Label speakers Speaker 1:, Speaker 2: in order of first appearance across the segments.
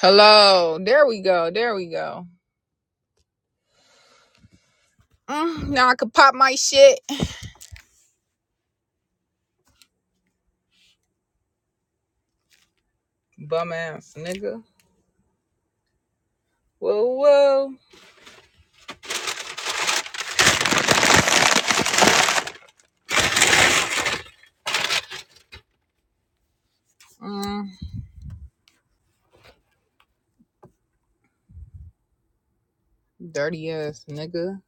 Speaker 1: Hello. There we go. There we go. Mm, now I could pop my shit. Bum ass nigga. Whoa, whoa. Mm, dirty ass nigga.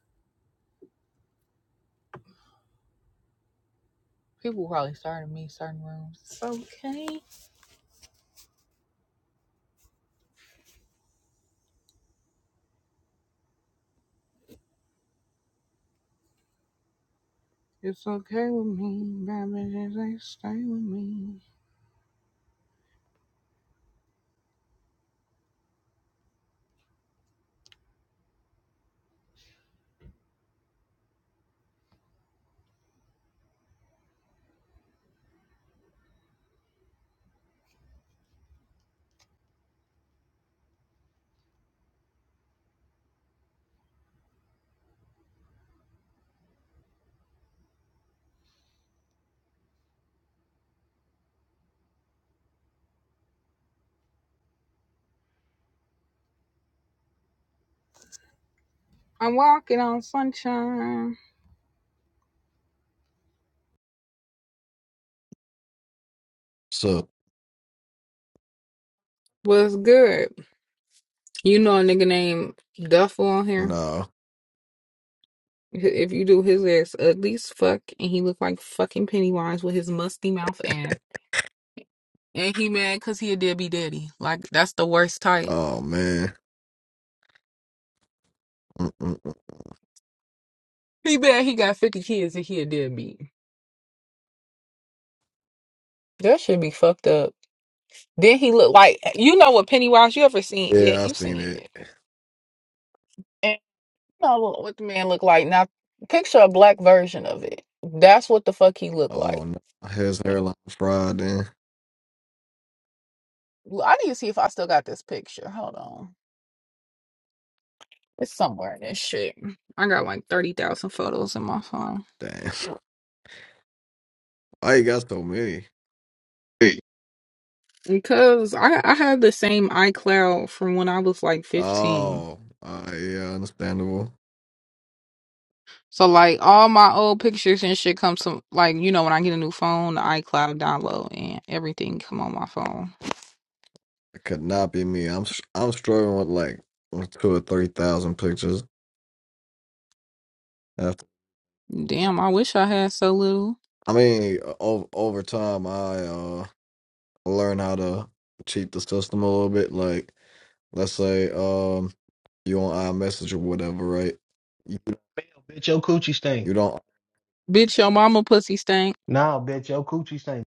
Speaker 1: People probably starting me certain rooms. It's okay. It's okay with me, baby. Just ain't stay with me. I'm walking on sunshine.
Speaker 2: So
Speaker 1: What's good? You know a nigga named Duffel on here.
Speaker 2: no.
Speaker 1: If you do his ass ugly as fuck, and he look like fucking Pennywise with his musty mouth and. And he mad because he a deadbeat daddy. Like, that's the worst type.
Speaker 2: Oh man. Mm-mm.
Speaker 1: He mad he got 50 kids and he a deadbeat. That should be fucked up. Then he look like, you know what Pennywise, you ever seen it?
Speaker 2: Yeah,
Speaker 1: You
Speaker 2: I seen
Speaker 1: seen
Speaker 2: it.
Speaker 1: it. And you know what what the man look like. Now, picture a black version of it. That's what the fuck he look like.
Speaker 2: Oh no. His hairline fried then.
Speaker 1: Well, I need to see if I still got this picture. Hold on. It's somewhere in this shit. I got like 30,000 photos in my phone.
Speaker 2: Damn. Why you got so many?
Speaker 1: Hey, Because I, I had the same iCloud from when I was like 15.
Speaker 2: Oh, uh, yeah, understandable.
Speaker 1: So like all my old pictures and shit comes to like you know when I get a new phone, the iCloud download and everything come on my phone.
Speaker 2: It could not be me. I'm s- I'm struggling with like two or three thousand pictures. After
Speaker 1: Damn, I wish I had so little.
Speaker 2: I mean, over over time, I uh learn how to cheat the system a little bit. Like, let's say um you on iMessage or whatever, right? You,
Speaker 3: Bitch, your coochie stink.
Speaker 2: you don't.
Speaker 1: Bitch, your mama pussy stank.
Speaker 3: Nah, bitch, your coochie stink.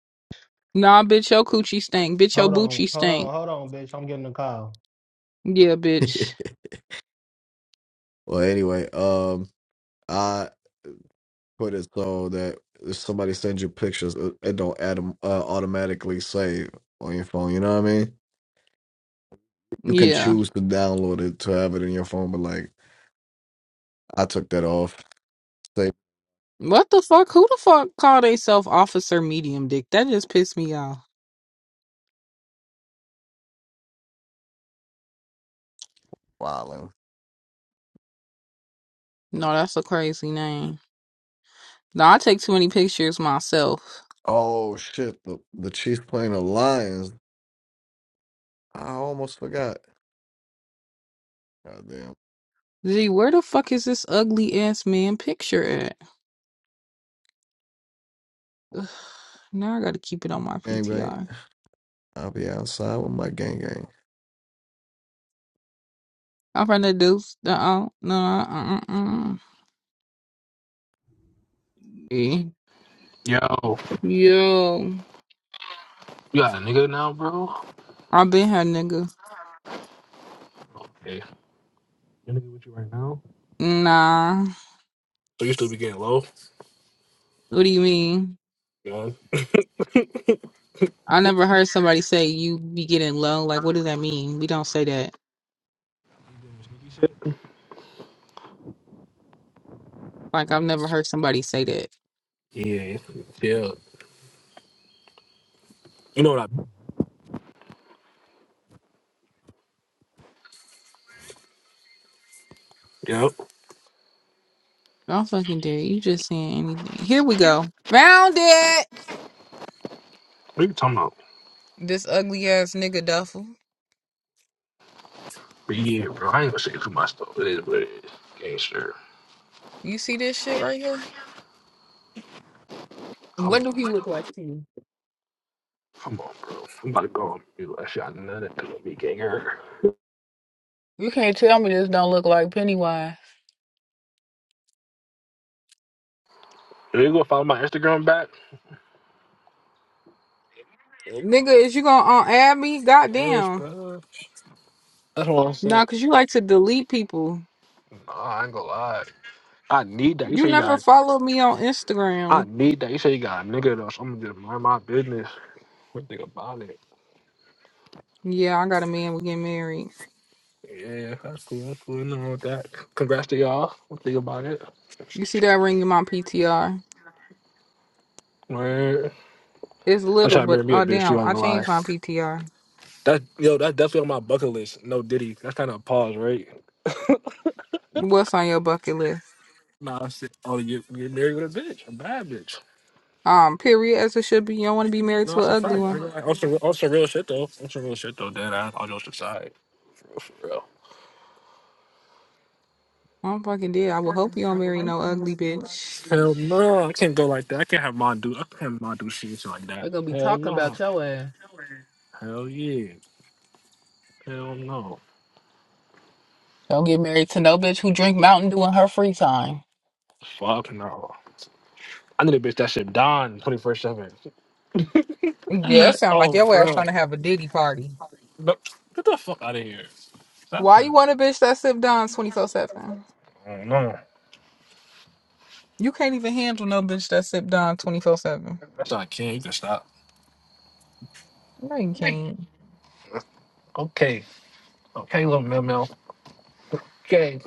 Speaker 1: Nah, bitch, your coochie stank. Bitch, your
Speaker 3: Hold on,
Speaker 1: boochie
Speaker 3: hold
Speaker 1: stank.
Speaker 3: on, hold on, bitch. I'm getting a call.
Speaker 1: Yeah, bitch.
Speaker 2: Well, anyway, um, I put it so that if somebody sends you pictures, it it don't autom- uh, automatically save on your phone. You know what I mean? You can
Speaker 1: Yeah.
Speaker 2: choose to download it to have it in your phone, but like I took that off. Save
Speaker 1: What the fuck? Who the fuck call theyself Officer Medium Dick? That just pissed me off.
Speaker 2: filing.
Speaker 1: No, that's a crazy name. No, I take too many pictures myself.
Speaker 2: Oh shit! The the Chiefs playing the Lions. I almost forgot. Goddamn
Speaker 1: Gee, where the fuck is this ugly ass man picture at? Now I gotta keep it on my
Speaker 2: gang gang.
Speaker 1: PTR.
Speaker 2: I'll be outside with my gang gang.
Speaker 1: I'm from the deuce. Uh-uh. No, uh-uh. uh-uh. Eh.
Speaker 4: Yo,
Speaker 1: Yo.
Speaker 4: you got a nigga now, bro?
Speaker 1: I've been here, nigga.
Speaker 4: Hey, you nigga with you right now?
Speaker 1: Nah.
Speaker 4: So you still be getting low?
Speaker 1: What do you mean?
Speaker 4: Yeah.
Speaker 1: I never heard somebody say you be getting low. Like, what does that mean? We don't say that. Like I've never heard somebody say that.
Speaker 4: Yeah. Yeah. You know what I Yeah. What
Speaker 1: Don't fucking dare. You just saying anything. Here we go. Found it.
Speaker 4: are you talking about?
Speaker 1: This ugly ass nigga duffel.
Speaker 4: But yeah, bro, I ain't gonna say too much though. It is what it is. Gangster.
Speaker 1: You see this shit right here?
Speaker 4: Come
Speaker 1: What do
Speaker 4: on.
Speaker 1: he look
Speaker 4: nigga.
Speaker 1: like to you?
Speaker 4: Come on, bro. I'm about to go on mute. I shot none of it. Be ganger.
Speaker 1: You can't tell me this don't look like Pennywise.
Speaker 4: Are you gonna follow my Instagram back?
Speaker 1: Nigga, is you gonna uh, add me?
Speaker 4: Yes,
Speaker 1: Goddamn.
Speaker 4: bro. That's what I'm saying.
Speaker 1: Nah, cause you like to delete people.
Speaker 4: Nah, I ain't gonna lie. I need that. You
Speaker 1: You
Speaker 4: say you
Speaker 1: never
Speaker 4: got
Speaker 1: followed me on
Speaker 4: I
Speaker 1: Instagram.
Speaker 4: need that. You say you got a nigga though, so I'm gonna just mind my business. What think about it?
Speaker 1: Yeah, I got a man. We get married.
Speaker 4: Yeah, that's cool. That's cool. Nothing with that. Congrats to y'all. We'll think about it.
Speaker 1: You see that ring in my PTR?
Speaker 4: Word.
Speaker 1: It's
Speaker 4: I'm
Speaker 1: little,
Speaker 4: trying to marry
Speaker 1: but
Speaker 4: me a
Speaker 1: oh
Speaker 4: bitch.
Speaker 1: damn,
Speaker 4: You ain't
Speaker 1: I
Speaker 4: gonna lie.
Speaker 1: changed my PTR.
Speaker 4: That yo, that's definitely on my bucket list. No Diddy. That's kind of a pause, right?
Speaker 1: What's on your bucket list?
Speaker 4: Nah, I said, oh, you get married with a bitch, a bad bitch.
Speaker 1: Um, period. As it should be. You don't want to be married
Speaker 4: No,
Speaker 1: to
Speaker 4: that's
Speaker 1: an
Speaker 4: a
Speaker 1: ugly
Speaker 4: fact. I,
Speaker 1: one.
Speaker 4: I, also, some on some real shit though. On some real shit though. Dead ass. I'll just decide. For real.
Speaker 1: I'm fucking dead. I will hope you don't marry no ugly bitch.
Speaker 4: For real. Hell no, I can't go like that. I can't have mom do. I can't have mom do shit like
Speaker 1: They're
Speaker 4: that.
Speaker 1: gonna be
Speaker 4: Hell
Speaker 1: talking
Speaker 4: no.
Speaker 1: about your ass.
Speaker 4: Hell yeah. Hell no.
Speaker 1: Don't get married to no bitch who drink Mountain Dew in her free time.
Speaker 4: Fuck no. I need a bitch that should don 24 7.
Speaker 1: Yeah, it sound like
Speaker 4: Oh,
Speaker 1: your ass
Speaker 4: bro.
Speaker 1: trying to have a ditty party.
Speaker 4: No, get the fuck out of here. Stop
Speaker 1: Why
Speaker 4: playing.
Speaker 1: you want a bitch that sip down 24 7?
Speaker 4: Oh, no.
Speaker 1: You can't even handle no bitch that sip down 24 7.
Speaker 4: That's not kid. You can stop.
Speaker 1: No, you can't.
Speaker 4: Okay. Okay, little Mel Mel. Okay.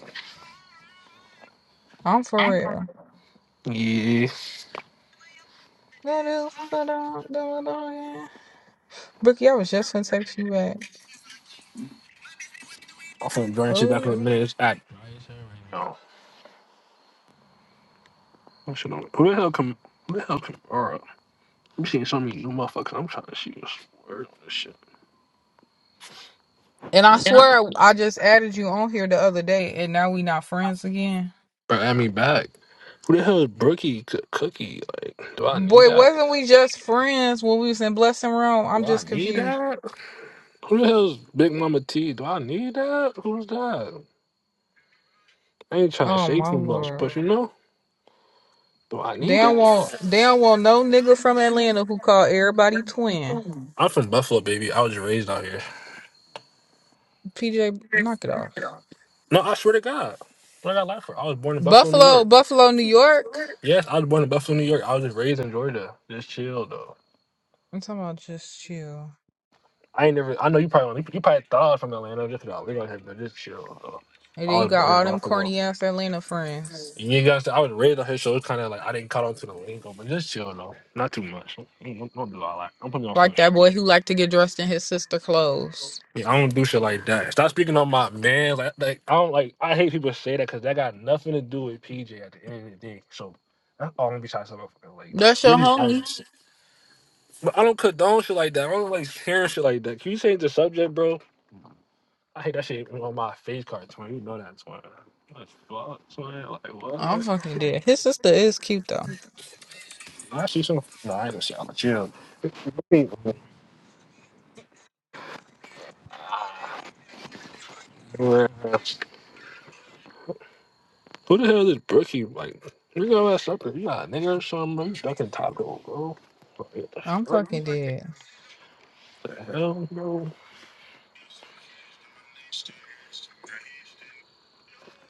Speaker 1: I'm for real.
Speaker 4: Yeah.
Speaker 1: That is the dog, the dog, yeah. Bookie, I was just gonna text you back.
Speaker 4: I'll phone Jordan shit back in
Speaker 1: Oh.
Speaker 4: a minute. It's act. No. I'm shit on. Who the hell come? Who the hell come? All right. I'm seeing so many new motherfuckers. I'm trying to shoot this word on this shit.
Speaker 1: And I swear, I just added you on here the other day, and now we not friends again.
Speaker 4: Bro, add me back. Who the hell is Brookie C- Cookie? Like, do I need
Speaker 1: Boy,
Speaker 4: that?
Speaker 1: wasn't we just friends when we was in Blessing Room?
Speaker 4: Do
Speaker 1: I'm
Speaker 4: I
Speaker 1: just
Speaker 4: need
Speaker 1: confused.
Speaker 4: that? Who the hell's Big Mama T? Do I need that? Who's that? I ain't trying to
Speaker 1: Oh
Speaker 4: shake
Speaker 1: my
Speaker 4: too much,
Speaker 1: lord.
Speaker 4: but you know, do I
Speaker 1: They
Speaker 4: need
Speaker 1: don't
Speaker 4: that?
Speaker 1: want, they don't want no nigga from Atlanta who call everybody twin.
Speaker 4: I'm from Buffalo, baby. I was raised out here.
Speaker 1: PJ, knock it off.
Speaker 4: No, I swear to God. What I got life for? I was born in Buffalo, New
Speaker 1: Buffalo,
Speaker 4: York.
Speaker 1: Buffalo, New York.
Speaker 4: Yes, I was born in Buffalo, New York. I was just raised in Georgia. Just chill though.
Speaker 1: I'm talking about just chill.
Speaker 4: I ain't never. I know you probably you probably thought I was from Atlanta. Just about live out here, but just chill though.
Speaker 1: And
Speaker 4: I
Speaker 1: then you
Speaker 4: was
Speaker 1: got
Speaker 4: born in
Speaker 1: all them
Speaker 4: Buffalo.
Speaker 1: corny ass Atlanta friends.
Speaker 4: You guys, I was raised out here, so it's kind of like I didn't caught on to the lingo, but just chill though. Not too much. Don't, don't- don't do all that. Don't put me on
Speaker 1: Like
Speaker 4: front
Speaker 1: that boy who liked to get dressed in his sister clothes.
Speaker 4: Yeah, I don't do shit like that. Stop speaking on my man. Like, like I don't like. I hate people say that because that got nothing to do with PJ at the end of the day. So that's all I'm gonna be trying to say about fucking like.
Speaker 1: That's your
Speaker 4: really
Speaker 1: homie.
Speaker 4: honest. But I don't condone shit like that. I don't like hearing shit like that. Can you change the subject, bro? I hate that shit on my face card, twin. You know that, twin. Like, fuck, twin. Like,
Speaker 1: I'm
Speaker 4: what?
Speaker 1: fucking dead. His sister is cute though.
Speaker 4: I see some. No, I ain't gonna say. I'm gonna chill. Hey, man. Who the hell is Brookie? Like, you go ass up. You got a nigga or something, bro. You ducking taco, bro. Like,
Speaker 1: I'm fucking dead.
Speaker 4: What the hell, bro?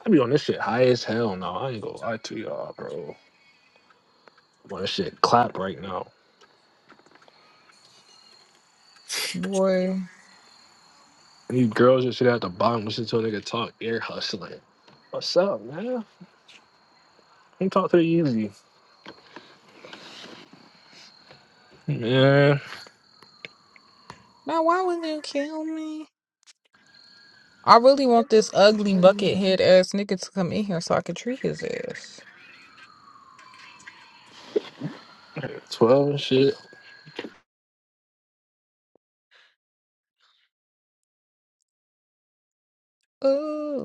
Speaker 4: I be on this shit high as hell now. I ain't gonna lie to y'all, bro. I'm on this shit clap right now.
Speaker 1: Boy.
Speaker 4: You girls just sit at the bottom listen to a nigga talk air hustling. What's up, man? Let me talk to the easy. Yeah,
Speaker 1: Now why would you kill me? I really want this ugly bucket head ass nigga to come in here so I can treat his ass.
Speaker 4: 12 and shit.
Speaker 1: Ooh.